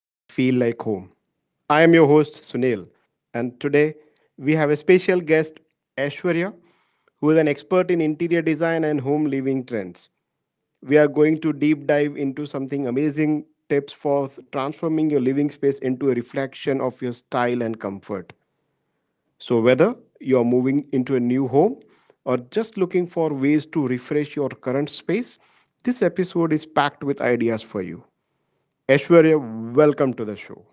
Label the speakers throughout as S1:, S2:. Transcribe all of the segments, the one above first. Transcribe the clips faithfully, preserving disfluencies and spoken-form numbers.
S1: that feel like home. I am your host, Sunil, and today we have a special guest, Aishwarya, who is an expert in interior design and home living trends. We are going to deep dive into something amazing tips for transforming your living space into a reflection of your style and comfort. So, whether you are moving into a new home or just looking for ways to refresh your current space, this episode is packed with ideas for you. Aishwarya, welcome to the show.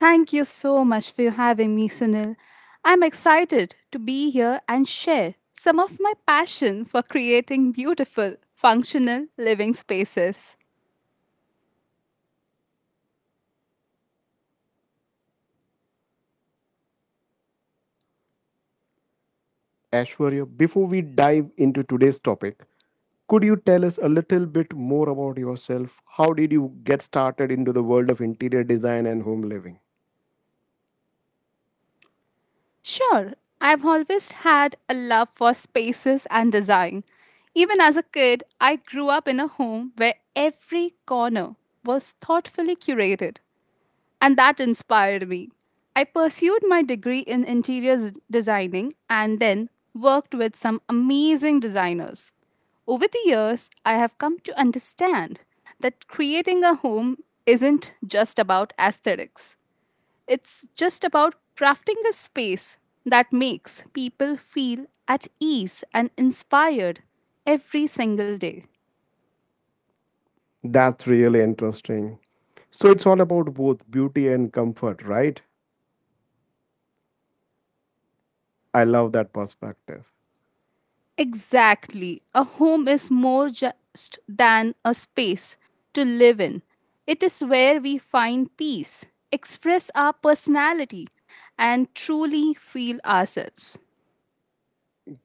S2: Thank you so much for having me, Sunil. I'm excited to be here and share some of my passion for creating beautiful, functional living spaces.
S1: Aishwarya, before we dive into today's topic, could you tell us a little bit more about yourself? How did you get started into the world of interior design and home living?
S2: Sure, I've always had a love for spaces and design. Even as a kid, I grew up in a home where every corner was thoughtfully curated, and that inspired me. I pursued my degree in interior designing and then worked with some amazing designers. Over the years, I have come to understand that creating a home isn't just about aesthetics. It's just about crafting a space that makes people feel at ease and inspired every single day.
S1: That's really interesting. So, it's all about both beauty and comfort, right? I love that perspective.
S2: Exactly. A home is more just than a space to live in. It is where we find peace, express our personality, and truly feel ourselves.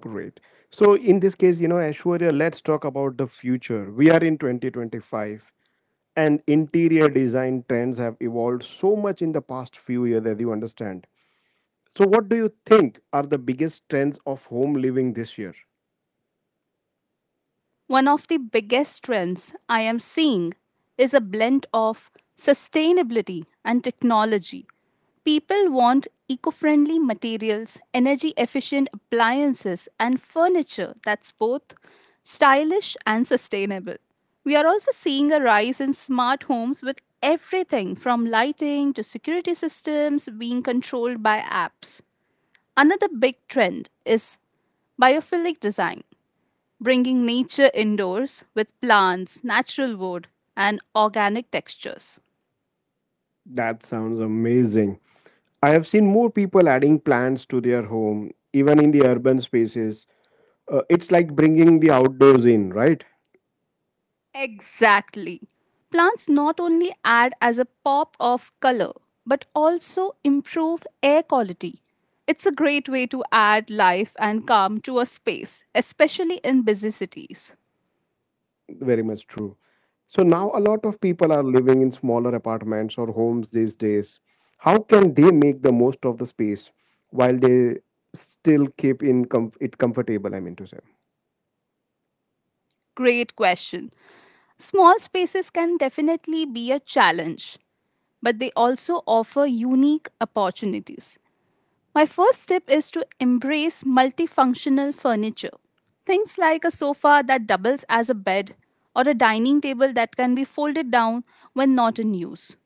S1: Great. So in this case, you know, Aishwarya, let's talk about the future. We are in twenty twenty-five, and interior design trends have evolved so much in the past few years as you understand. So what do you think are the biggest trends of home living this year?
S2: One of the biggest trends I am seeing is a blend of sustainability and technology. People want eco friendly materials, energy efficient appliances, and furniture that's both stylish and sustainable. We are also seeing a rise in smart homes with everything from lighting to security systems being controlled by apps. Another big trend is biophilic design, bringing nature indoors with plants, natural wood, and organic textures.
S1: That sounds amazing. I have seen more people adding plants to their home, even in the urban spaces. Uh, it's like bringing the outdoors in, right?
S2: Exactly. Plants not only add as a pop of color but also improve air quality. It's a great way to add life and calm to a space, especially in busy cities.
S1: Very much true. So now a lot of people are living in smaller apartments or homes these days. How can they make the most of the space while they still keep in com- it comfortable? I mean to say.
S2: Great question. Small spaces can definitely be a challenge, but they also offer unique opportunities. My first tip is to embrace multifunctional furniture. Things like a sofa that doubles as a bed or a dining table that can be folded down when not in use.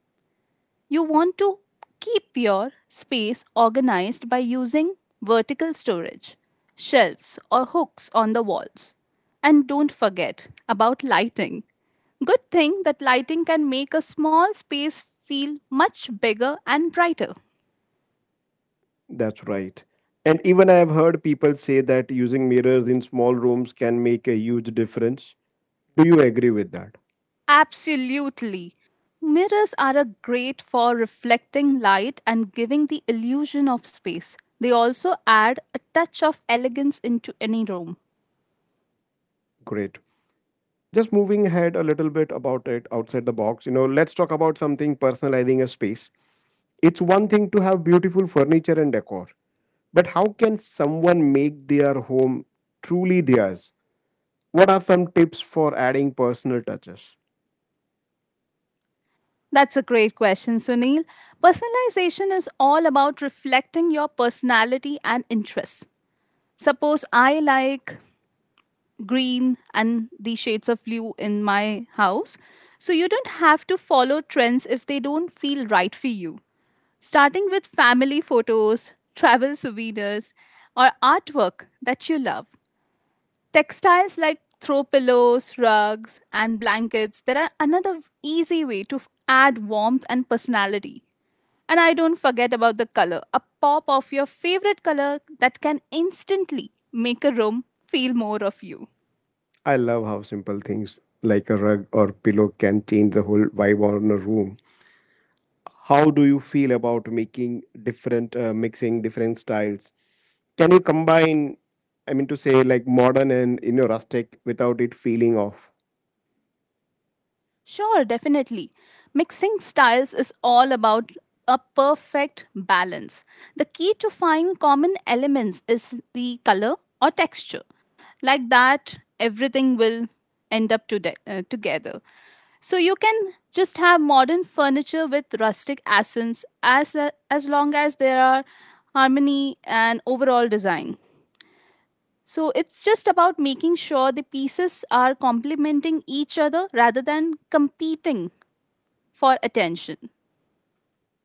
S2: You want to keep your space organized by using vertical storage, shelves, or hooks on the walls. And don't forget about lighting. Good thing that lighting can make a small space feel much bigger and brighter.
S1: That's right. And even I have heard people say that using mirrors in small rooms can make a huge difference. Do you agree with that?
S2: Absolutely. Mirrors are a great for reflecting light and giving the illusion of space. They also add a touch of elegance into any room.
S1: Great. Just moving ahead a little bit about it outside the box, you know, let's talk about something personalizing a space. It's one thing to have beautiful furniture and decor, but how can someone make their home truly theirs? What are some tips for adding personal touches?
S2: That's a great question, Sunil. Personalization is all about reflecting your personality and interests. Suppose I like green and the shades of blue in my house. So you don't have to follow trends if they don't feel right for you. starting with family photos, travel souvenirs, or artwork that you love. Textiles like throw pillows, rugs, and blankets that are another easy way to f- add warmth and personality. And I don't forget about the color, a pop of your favorite color that can instantly make a room feel more of you.
S1: I love how simple things like a rug or pillow can change the whole vibe on a room. How do you feel about making different, uh, mixing different styles? Can you combine, I mean, to say like modern and you know rustic without it feeling off?
S2: Sure, definitely. Mixing styles is all about a perfect balance. The key to find common elements is the color or texture. Like that, everything will end up to uh, together. So you can just have modern furniture with rustic accents as a, as long as there are harmony and overall design. So it's just about making sure the pieces are complementing each other rather than competing for attention.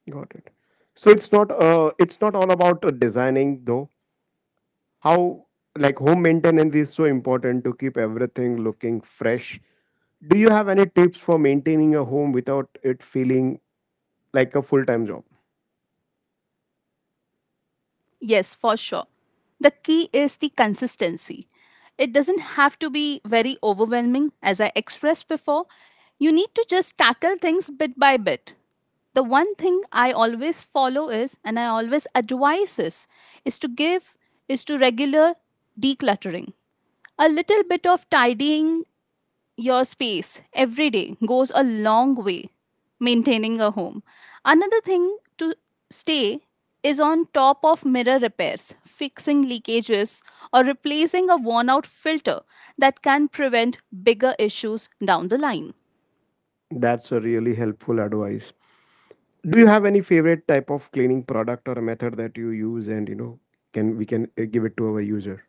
S1: Got it. So it's not, uh, it's not all about uh, designing though. How like home maintenance is so important to keep everything looking fresh. Do you have any tips for maintaining your home without it feeling like a full-time job?
S2: Yes, for sure. The key is the consistency. It doesn't have to be very overwhelming, as I expressed before. You need to just tackle things bit by bit. The one thing I always follow is, and I always advise is, is to give, is to regular decluttering. A little bit of tidying your space every day goes a long way maintaining a home. Another thing to stay is on top of mirror repairs, fixing leakages, or replacing a worn out filter that can prevent bigger issues down the line.
S1: That's a really helpful advice. Do you have any favorite type of cleaning product or method that you use and you know can we can uh, give it to our user?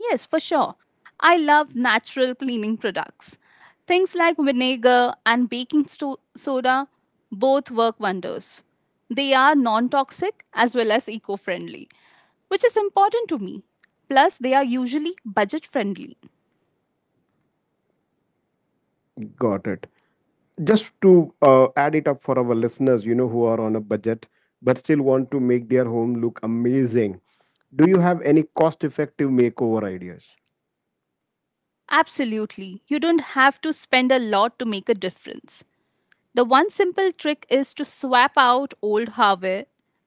S2: Yes, for sure. I love natural cleaning products. Things like vinegar and baking sto- soda both work wonders. They are non toxic as well as eco friendly, which is important to me. Plus, they are usually budget friendly.
S1: Got it. Just to uh, add it up for our listeners you know who are on a budget but still want to make their home look amazing, do you have any cost effective makeover ideas?
S2: Absolutely, you don't have to spend a lot to make a difference. The one simple trick is to swap out old hardware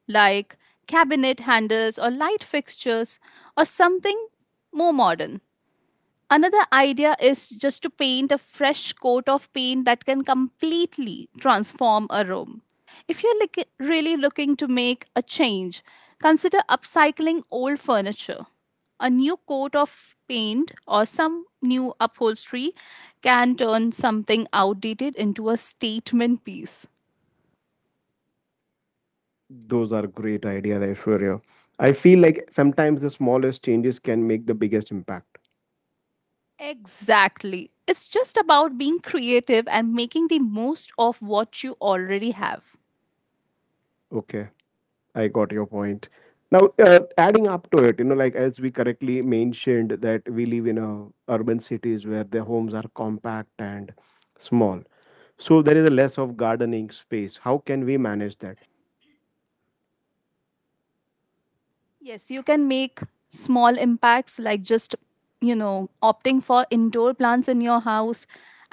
S2: like cabinet handles or light fixtures or something more modern. Another idea is just to paint a fresh coat of paint that can completely transform a room. If you're like really looking to make a change, consider upcycling old furniture. A new coat of paint or some new upholstery can turn something outdated into a statement piece.
S1: Those are great ideas, Aishwarya. I feel like sometimes the smallest changes can make the biggest impact.
S2: Exactly. It's just about being creative and making the most of what you already have.
S1: Okay, I got your point. Now, uh, adding up to it, you know, like as we correctly mentioned that we live in a urban cities where the homes are compact and small, so there is a less of gardening space. How can we manage that?
S2: Yes, you can make small impacts, like just, you know, opting for indoor plants in your house.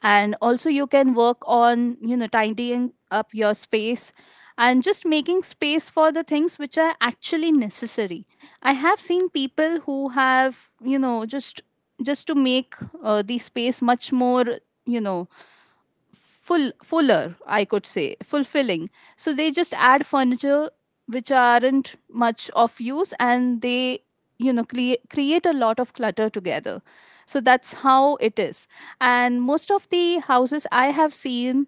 S2: And also, you can work on, you know, tidying up your space and just making space for the things which are actually necessary. I have seen people who have, you know, just just to make uh, the space much more you know full, fuller, I could say fulfilling. So they just add furniture which aren't much of use, and they you know create create a lot of clutter together. So that's how it is. And most of the houses I have seen,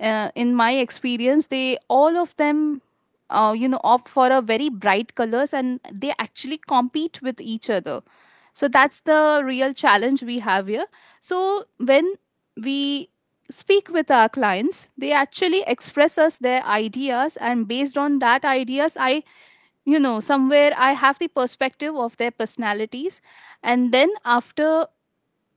S2: uh, in my experience, they all of them, uh, you know opt for a very bright colors, and they actually compete with each other. So that's the real challenge we have here. So when we speak with our clients, they actually express us their ideas, and based on that ideas, I, you know somewhere I have the perspective of their personalities, and then after,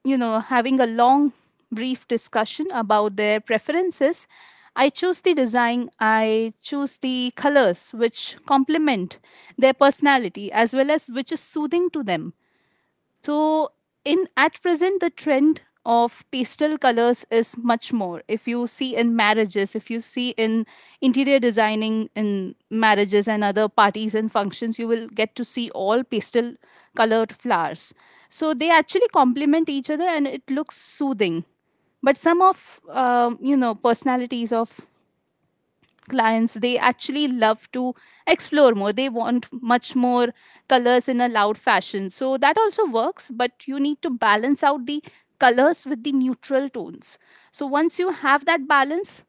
S2: you know, having a long, brief discussion about their preferences, I choose the design, I choose the colors which complement their personality as well as which is soothing to them. So in at present the trend of pastel colors is much more. If you see in marriages, if you see in interior designing in marriages and other parties and functions, you will get to see all pastel colored flowers. So they actually complement each other and it looks soothing. But some of um, you know personalities of clients, they actually love to explore more. They want much more colors in a loud fashion, so that also works, but you need to balance out the colors with the neutral tones. So once you have that balance,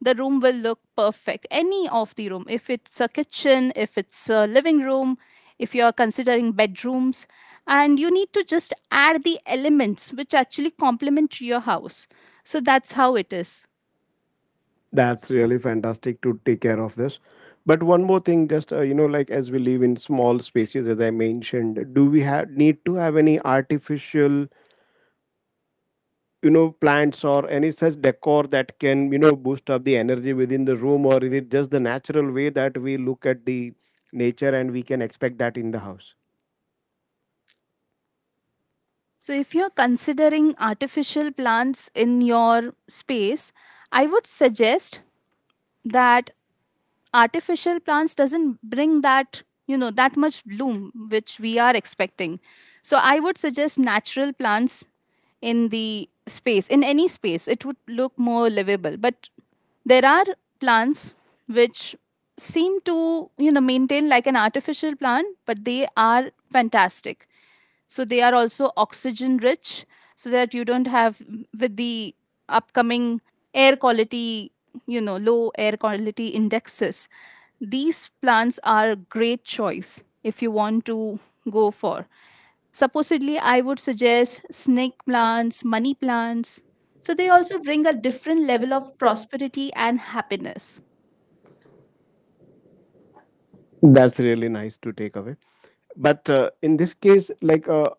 S2: the room will look perfect, any of the room, if it's a kitchen, if it's a living room, if you are considering bedrooms, and you need to just add the elements which actually complement your house. So that's how it is.
S1: That's really fantastic to take care of this. But one more thing, just uh, you know, like as we live in small spaces, as I mentioned, do we have need to have any artificial, you know, plants or any such decor that can, you know, boost up the energy within the room, or is it just the natural way that we look at the nature and we can expect that in the house?
S2: So, if you're considering artificial plants in your space, I would suggest that artificial plants doesn't bring that, you know, that much bloom which we are expecting. So, I would suggest natural plants in the space, in any space. It would look more livable. But there are plants which seem to, you know, maintain like an artificial plant, but they are fantastic. So they are also oxygen rich, so that you don't have with the upcoming air quality, you know low air quality indexes, these plants are a great choice if you want to go for. Supposedly, I would suggest snake plants, money plants. So they also bring a different level of prosperity and happiness.
S1: That's really nice to take away. But uh, in this case, like uh,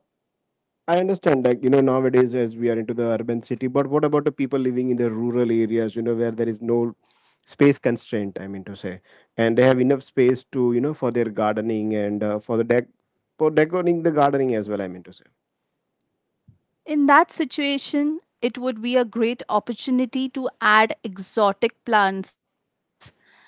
S1: I understand like you know nowadays as we are into the urban city, but what about the people living in the rural areas? You know where there is no space constraint. I mean to say, and they have enough space to you know for their gardening and uh, for the deck for decorating the gardening as well. I mean to say.
S2: In that situation, it would be a great opportunity to add exotic plants and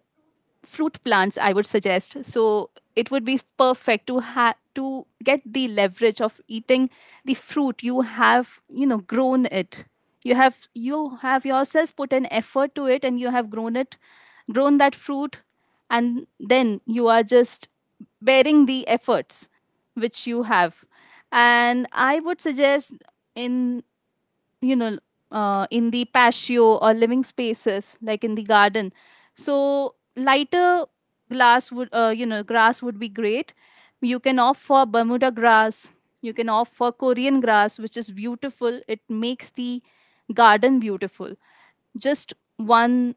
S2: fruit plants, I would suggest. So it would be perfect to have, to get the leverage of eating the fruit you have, you know grown it. You have, you have yourself put an effort to it, and you have grown it, grown that fruit, and then you are just bearing the efforts which you have. And I would suggest in, you know uh, in the patio or living spaces, like in the garden. So lighter glass would uh, you know grass would be great. You can opt for Bermuda grass, you can opt for Korean grass, which is beautiful. It makes the garden beautiful. Just one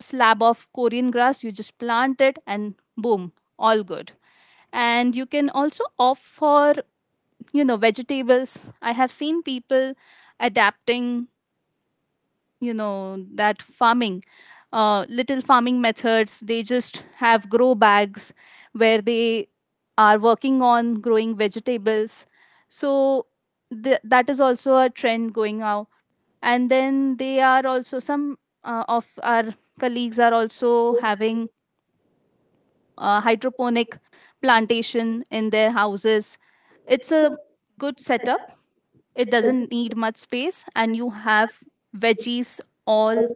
S2: slab of Korean grass, you just plant it and boom, all good. And you can also opt for, you know vegetables. I have seen people adapting, you know that farming, uh, little farming methods. They just have grow bags where they are working on growing vegetables. So th- that is also a trend going out. And then they are also some uh, of our colleagues are also having uh, hydroponic plantation in their houses. It's a good setup. It doesn't need much space, and you have veggies all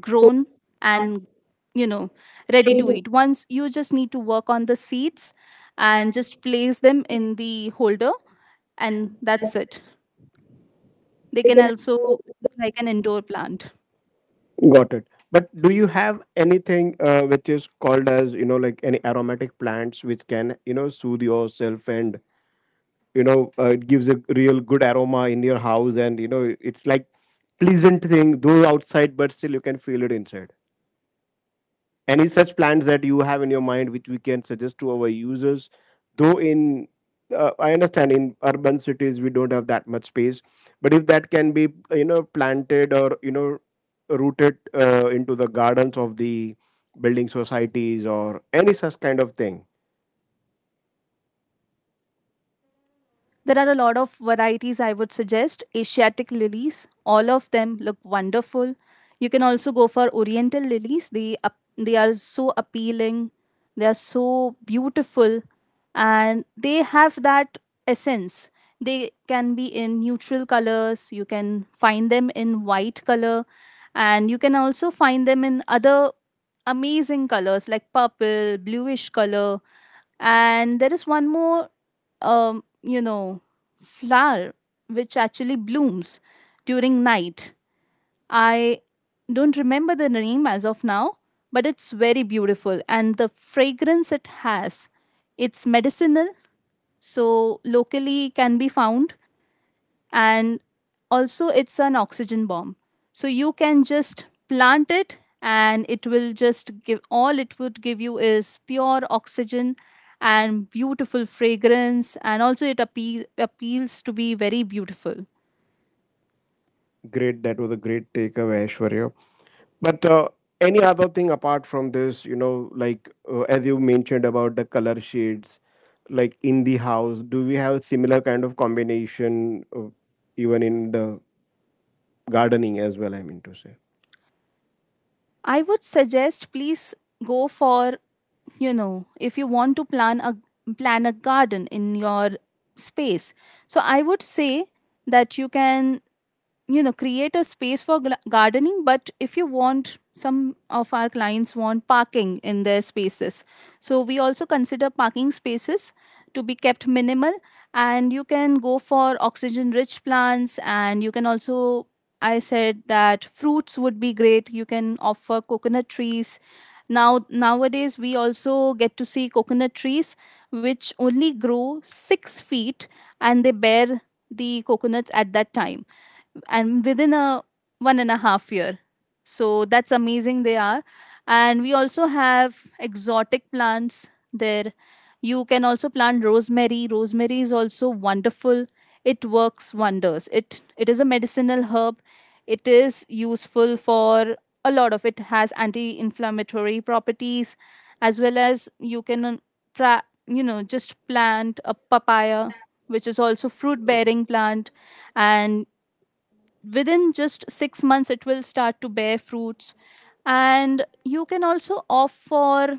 S2: grown and, you know ready to eat. Once you just need to work on the seeds and just place them in the holder, and that's it. They can also like an indoor plant.
S1: Got it. But do you have anything uh, which is called as you know like any aromatic plants which can you know soothe yourself and you know uh, it gives a real good aroma in your house and you know it's like pleasant thing though outside but still you can feel it inside any such plants that you have in your mind which we can suggest to our users though in uh, I understand in urban cities we don't have that much space but if that can be you know planted or you know rooted uh, into the gardens of the building societies or any such kind of thing.
S2: There are a lot of varieties I would suggest. Asiatic lilies, all of them look wonderful. You can also go for oriental lilies. They ap- they are so appealing. They are so beautiful, and they have that essence. They can be in neutral colors. You can find them in white color, and you can also find them in other amazing colors like purple, bluish color. And there is one more, um, you know, flower which actually blooms during night. I don't remember the name as of now, but it's very beautiful and the fragrance it has, it's medicinal, so locally can be found, and also it's an oxygen bomb, so you can just plant it and it will just give, all it would give you is pure oxygen and beautiful fragrance, and also it appeal, appeals to be very beautiful.
S1: Great, that was a great takeaway, Ashwarya. But uh, Any other thing apart from this, you know, like uh, as you mentioned about the color shades, like in the house, do we have similar kind of combination uh, even in the gardening as well? I mean to say.
S2: I would suggest, please go for, you know if you want to plan a plan a garden in your space, so I would say that you can, you know, create a space for gla- gardening. But if you want, some of our clients want parking in their spaces, so we also consider parking spaces to be kept minimal. And you can go for oxygen rich plants, and you can also, I said that fruits would be great. You can offer coconut trees. Now nowadays we also get to see coconut trees which only grow six feet and they bear the coconuts at that time, and within a one and a half year. So that's amazing they are. And we also have exotic plants there. You can also plant rosemary. Rosemary is also wonderful. It works wonders. It it is a medicinal herb. It is useful for a lot of, it has anti-inflammatory properties, as well as you can uh, pra- you know, just plant a papaya, which is also fruit bearing plant, and within just six months it will start to bear fruits. And you can also opt for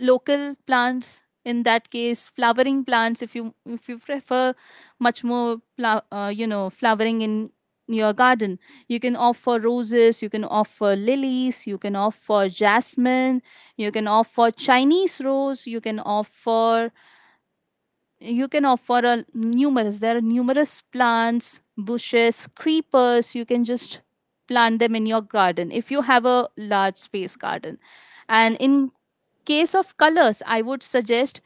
S2: local plants, in that case flowering plants. If you if you prefer much more pla- uh, you know, flowering in your garden, you can opt for roses, you can opt for lilies, you can opt for jasmine, you can opt for Chinese rose, you can opt for, you can offer a numerous, there are numerous plants, bushes, creepers. You can just plant them in your garden if you have a large space garden. And in case of colors, I would suggest,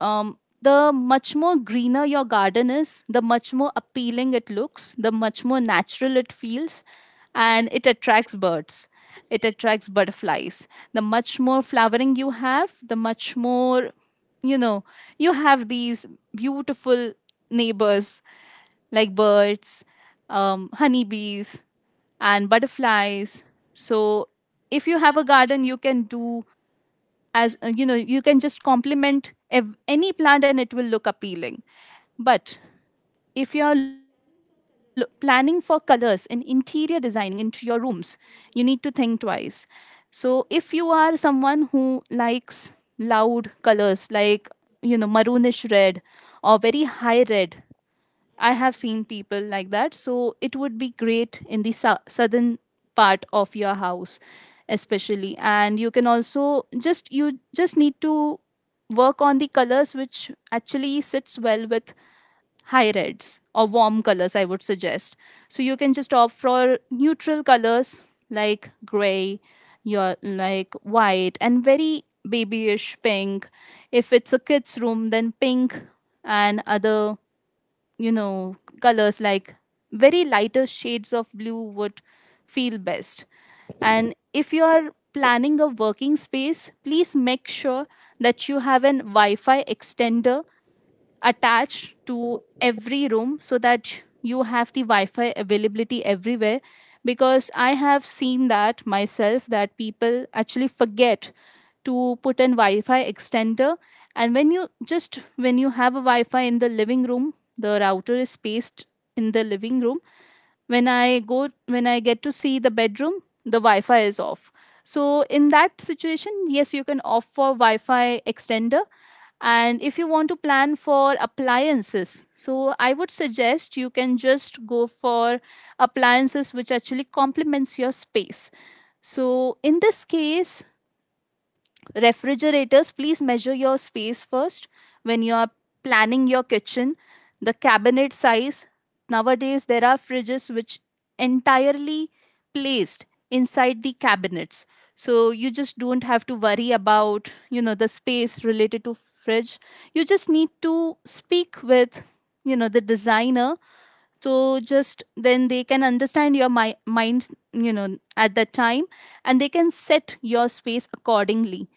S2: um, the much more greener your garden is, the much more appealing it looks, the much more natural it feels, and it attracts birds. It attracts butterflies. The much more flowering you have, the much more, you know, you have these beautiful neighbors like birds, um, honeybees, and butterflies. So, if you have a garden, you can do as, uh, you know, you can just complement ev- any plant and it will look appealing. But if you are lo- planning for colors in interior designing into your rooms, you need to think twice. So if you are someone who likes loud colors like, you know, maroonish red or very high red, I have seen people like that. So it would be great in the sou- southern part of your house, especially. And you can also just, you just need to work on the colors which actually sits well with high reds or warm colors, I would suggest. So you can just opt for neutral colors like gray, your like white, and very babyish pink. If it's a kid's room, then pink and other, you know, colors like very lighter shades of blue would feel best. And if you are planning a working space, please make sure that you have an Wi-Fi extender attached to every room, so that you have the Wi-Fi availability everywhere, because I have seen that myself, that people actually forget to put in Wi-Fi extender. And when you just when you have a Wi-Fi in the living room, the router is spaced in the living room. When I go when I get to see the bedroom, the Wi-Fi is off. So in that situation, yes, you can opt for Wi-Fi extender. And if you want to plan for appliances, so I would suggest you can just go for appliances which actually complements your space. So in this case, refrigerators, please measure your space first when you are planning your kitchen. The cabinet size. Nowadays, there are fridges which entirely placed inside the cabinets. So you just don't have to worry about, you know, the space related to fridge. You just need to speak with, you know, the designer, so just then they can understand your mi- mind, you know, at that time, and they can set your space accordingly.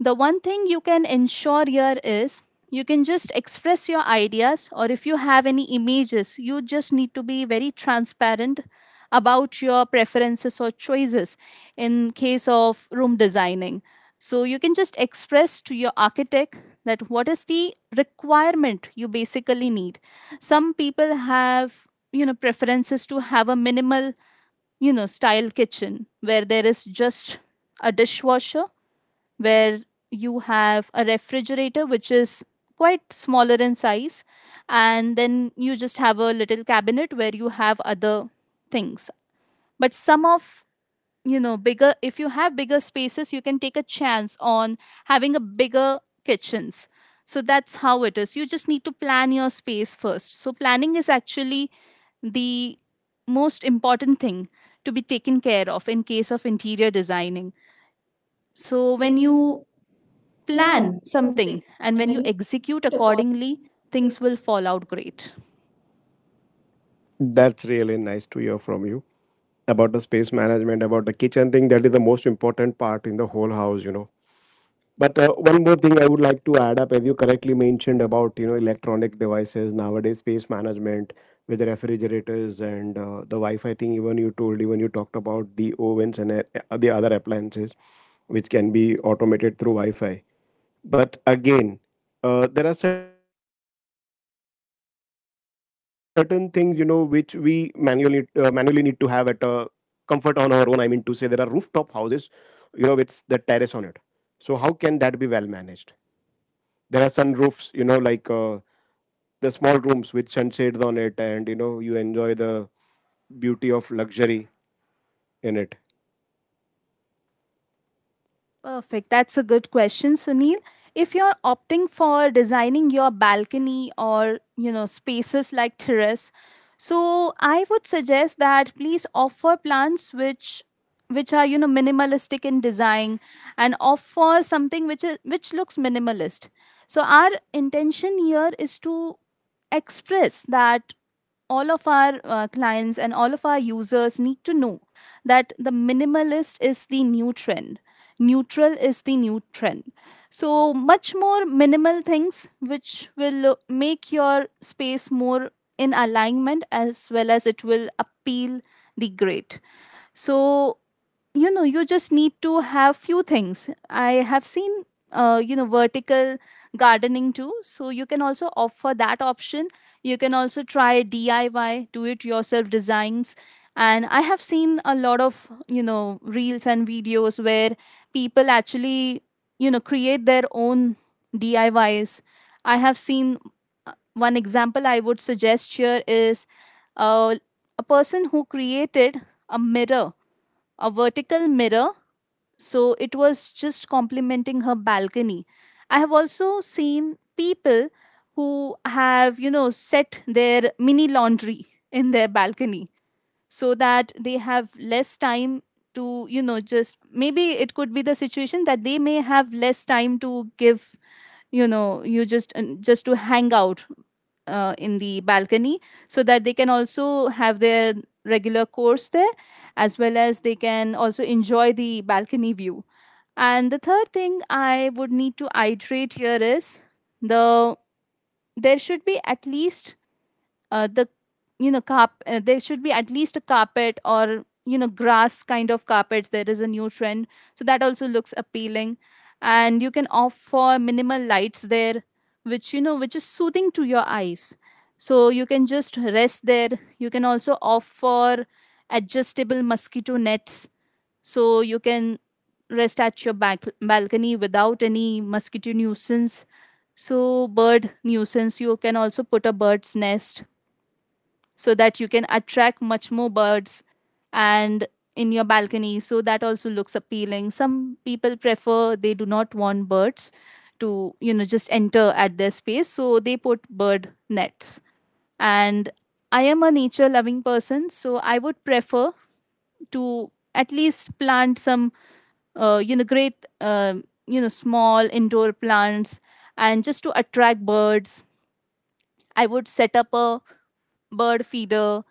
S2: The one thing you can ensure here is, you can just express your ideas, or if you have any images, you just need to be very transparent about your preferences or choices in case of room designing. So you can just express to your architect that what is the requirement you basically need. Some people have, you know, preferences to have a minimal, you know, style kitchen, where there is just a dishwasher, where you have a refrigerator which is quite smaller in size, and then you just have a little cabinet where you have other things. But some of, you know, bigger, if you have bigger spaces, you can take a chance on having a bigger kitchens. So that's how it is. You just need to plan your space first. So planning is actually the most important thing to be taken care of in case of interior designing. So when you plan something and when you execute accordingly, things will fall out great.
S1: That's really nice to hear from you about the space management, about the kitchen thing. That is the most important part in the whole house, you know. But uh, One more thing I would like to add up, as you correctly mentioned about you know electronic devices nowadays, space management with the refrigerators and uh, the Wi-Fi thing. Even you told, even you talked about the ovens and uh, the other appliances, which can be automated through Wi-Fi. But again, uh, there are certain things you know which we manually uh, manually need to have at a comfort on our own. I mean to say, there are rooftop houses, you know, with the terrace on it. So how can that be well managed? There are sun roofs you know like uh, the small rooms with sunshades on it and you know you enjoy the beauty of luxury in it.
S2: Perfect. That's a good question, Sunil. If you're opting for designing your balcony or, you know, spaces like terrace, so I would suggest that please offer plants which which are, you know, minimalistic in design, and offer something which is, which looks minimalist. So our intention here is to express that all of our uh, clients and all of our users need to know that the minimalist is the new trend, neutral is the new trend. So much more minimal things which will uh, make your space more in alignment, as well as it will appeal the great. So, you know, you just need to have few things. I have seen, uh, you know, vertical gardening too, so you can also offer that option. You can also try DIY, do it yourself designs. And I have seen a lot of, you know, reels and videos where people actually, you know, create their own diys i Ys. I have seen, uh, one example I would suggest here is, uh, a person who created a mirror, a vertical mirror, so it was just complementing her balcony. I have also seen people who have, you know, set their mini laundry in their balcony, so that they have less time to, you know, just, maybe it could be the situation that they may have less time to give, you know, you just uh, just to hang out uh, in the balcony, so that they can also have their regular course there, as well as they can also enjoy the balcony view. And the third thing I would need to iterate here is, the, there should be at least, uh, the, you know, carp- uh, there should be at least a carpet, or, you know, grass kind of carpets, there is a new trend, so that also looks appealing. And you can opt for minimal lights there, which, you know, which is soothing to your eyes, so you can just rest there. You can also opt for adjustable mosquito nets, so you can rest at your back- balcony without any mosquito nuisance. So bird nuisance, you can also put a bird's nest, so that you can attract much more birds and in your balcony, so that also looks appealing. Some people prefer, they do not want birds to, you know, just enter at their space, so they put bird nets. And I am a nature loving person, so I would prefer to at least plant some, uh, you know, great, um you know, small indoor plants, and just to attract birds, I would set up a bird feeder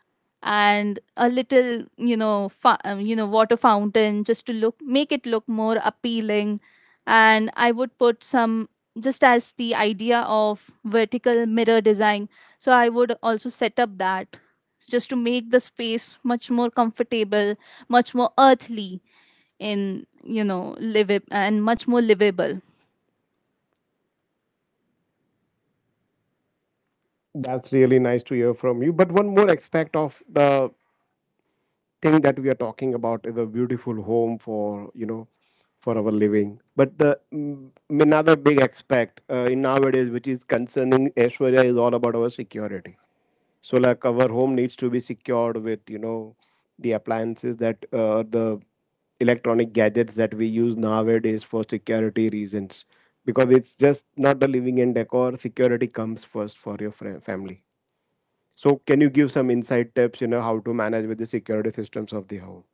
S2: and a little, you know, fa- um, you know, water fountain, just to look, make it look more appealing. And I would put some, just as the idea of vertical mirror design, so I would also set up that, just to make the space much more comfortable, much more earthly, in, you know, live, and much more livable.
S1: That's really nice to hear from you, but one more aspect of the thing that we are talking about is a beautiful home for you know for our living, but the mm, another big aspect uh, in nowadays which is concerning Aishwarya is all about our security. So like our home needs to be secured with you know the appliances that uh, the electronic gadgets that we use nowadays for security reasons, because it's just not the living and decor, security comes first for your fri family. So can you give some insight tips you know how to manage with the security systems of the home?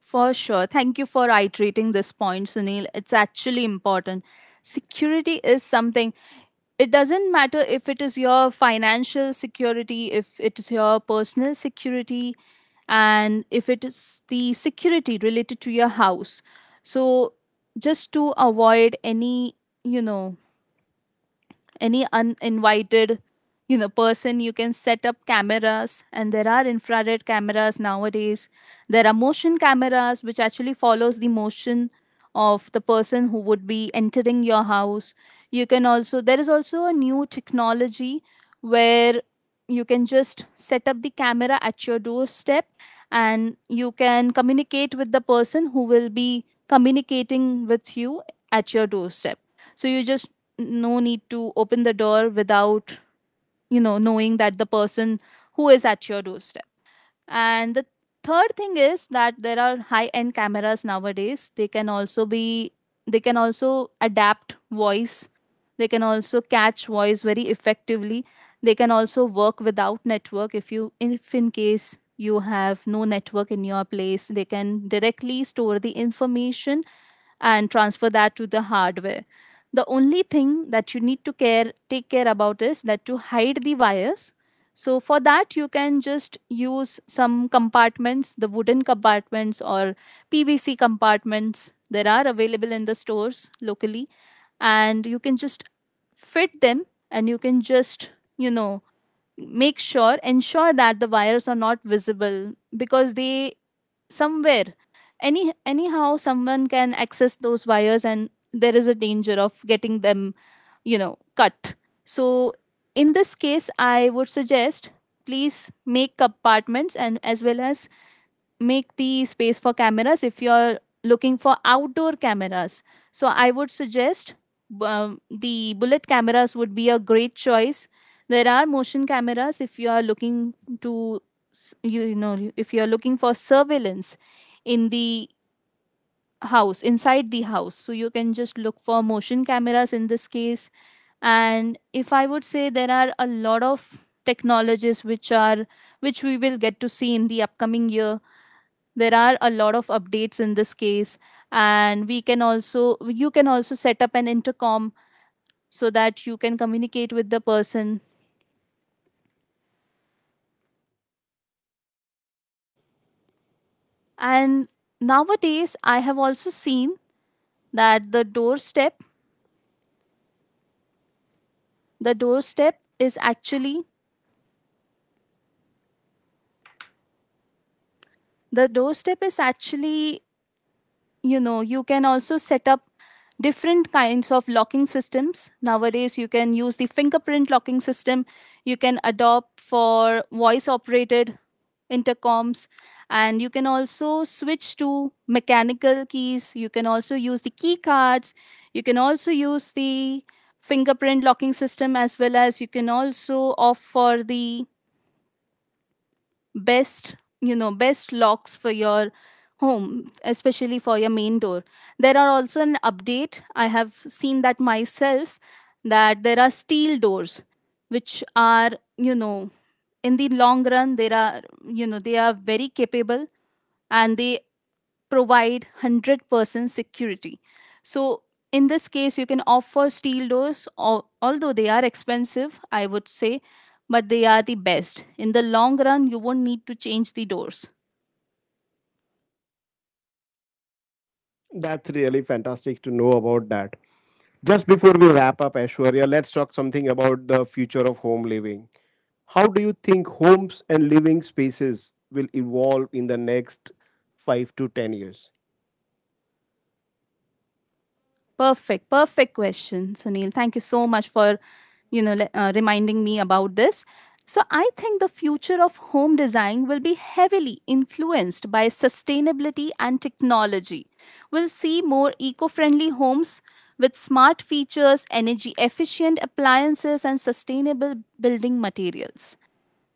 S2: For sure. Thank you for iterating this point, Sunil. It's actually important. Security is something, it doesn't matter if it is your financial security, if it is your personal security, and if it is the security related to your house. So, just to avoid any, you know, any uninvited you know person, you can set up cameras. And there are infrared cameras nowadays. There are motion cameras which actually follows the motion of the person who would be entering your house. You can also, there is also a new technology where you can just set up the camera at your doorstep, and you can communicate with the person who will be communicating with you at your doorstep. So you just, no need to open the door without you know knowing that the person who is at your doorstep. And the third thing is that there are high end cameras nowadays. They can also be, they can also adapt voice, they can also catch voice very effectively. They can also work without network. If you if in case you have no network in your place, they can directly store the information and transfer that to the hardware. The only thing that you need to care, take care about is that to hide the wires. So for that you can just use some compartments, the wooden compartments or pvc compartments. There are available in the stores locally, and you can just fit them. And you can just, you know make sure, ensure that the wires are not visible, because they somewhere, any anyhow someone can access those wires, and there is a danger of getting them, you know cut. So in this case I would suggest, please, make compartments, and as well as make the space for cameras if you're looking for outdoor cameras. So I would suggest um, the bullet cameras would be a great choice. There are motion cameras if you are looking to, s- you you know, if you are looking for surveillance in the house inside the house. So you can just look for motion cameras in this case. And if I would say, there are a lot of technologies which are, which we will get to see in the upcoming year. There are a lot of updates in this case. And we can also you can also set up an intercom so that you can communicate with the person. And nowadays I have also seen that the doorstep the doorstep is actually the doorstep is actually, you know you can also set up different kinds of locking systems nowadays. You can use the fingerprint locking system, you can adopt for voice operated intercoms, and you can also switch to mechanical keys. You can also use the key cards, you can also use the fingerprint locking system, as well as you can also offer the best, you know best locks for your home, especially for your main door. There are also an update I have seen that myself, that there are steel doors which are, you know in the long run there are, you know they are very capable, and they provide one hundred percent security. So, in this case, you can offer steel doors, al- although they are expensive, I would say, but they are the best. In the long run, you won't need to change the doors.
S1: That's really fantastic to know about that. Just before we wrap up, Ashwarya, let's talk something about the future of home living. How do you think homes and living spaces will evolve in the next five to ten years?
S2: Perfect, perfect question, Sunil. Thank you so much for, you know, le- uh, reminding me about this. So I think the future of home design will be heavily influenced by sustainability and technology. We'll see more eco-friendly homes with smart features, energy efficient appliances, and sustainable building materials.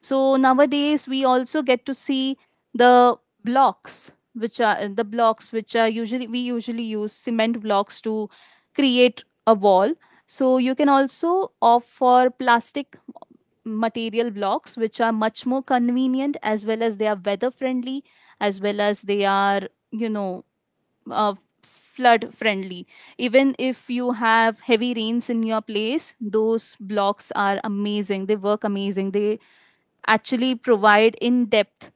S2: So nowadays we also get to see the blocks which are, the blocks which are usually, we usually use cement blocks to create a wall. So you can also opt for plastic material blocks, which are much more convenient, as well as they are weather friendly, as well as they are, you know uh, flood friendly. Even if you have heavy rains in your place, those blocks are amazing. They work amazing. They actually provide in depth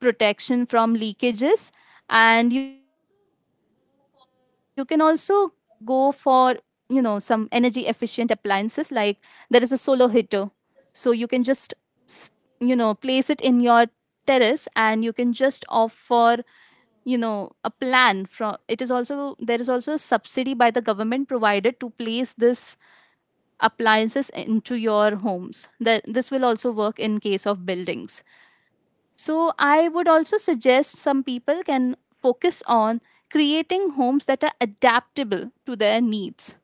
S2: protection from leakages. And you can also go for, you know, some energy efficient appliances like there is a solar heater. So you can just, s- you know, place it in your terrace, and you can just offer, you know a plan from it. Is also, there is also a subsidy by the government provided to place this appliances into your homes, that this will also work in case of buildings. So, I would also suggest some people can focus on creating homes that are adaptable to their needs,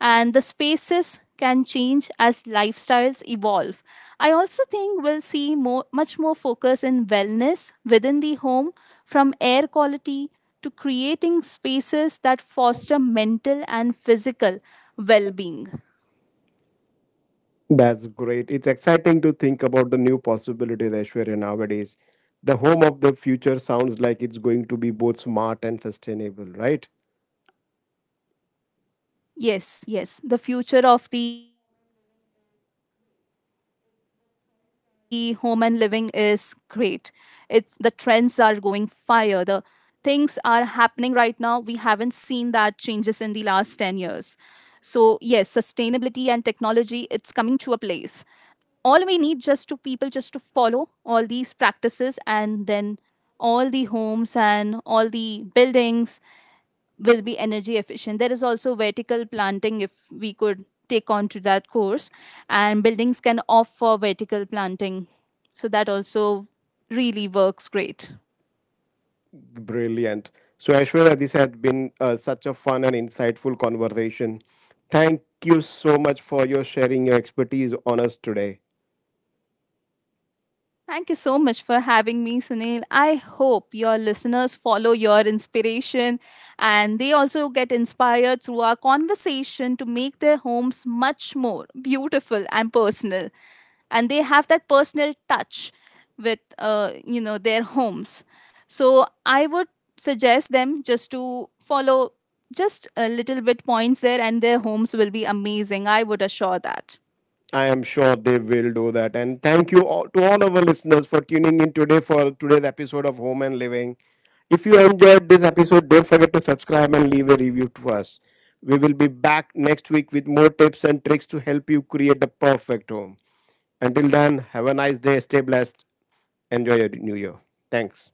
S2: and the spaces can change as lifestyles evolve. I also think we'll see more much more focus in wellness within the home, from air quality to creating spaces that foster mental and physical well-being.
S1: That's great. It's exciting to think about the new possibilities, that Aishwarya nowadays. The home of the future sounds like it's going to be both smart and sustainable, right?
S2: Yes, yes. The future of the home and living is great. It's, the trends are going fire. The things are happening right now. We haven't seen that changes in the last ten years. So, yes, sustainability and technology, it's coming to a place. All we need, just to people just to follow all these practices, and then all the homes and all the buildings will be energy efficient. There is also vertical planting, if we could take on to that course, and buildings can opt for vertical planting. So that also really works great.
S1: Brilliant. So, Aishwarya, this has been uh, such a fun and insightful conversation. Thank you so much for your sharing your expertise on us today.
S2: Thank you so much for having me, Sunil. I hope your listeners follow your inspiration, and they also get inspired through our conversation to make their homes much more beautiful and personal, and they have that personal touch with uh, you know their homes. So I would suggest them, just to follow just a little bit points there, and their homes will be amazing. I would assure that.
S1: I am sure they will do that. And thank you all, to all our listeners for tuning in today for today's episode of Home and Living. If you enjoyed this episode, don't forget to subscribe and leave a review to us. We will be back next week with more tips and tricks to help you create the perfect home. Until then, have a nice day, stay blessed, enjoy your new year. Thanks.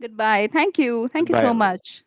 S2: Goodbye, thank you, thank you
S1: Goodbye,
S2: so
S1: everyone.
S2: much.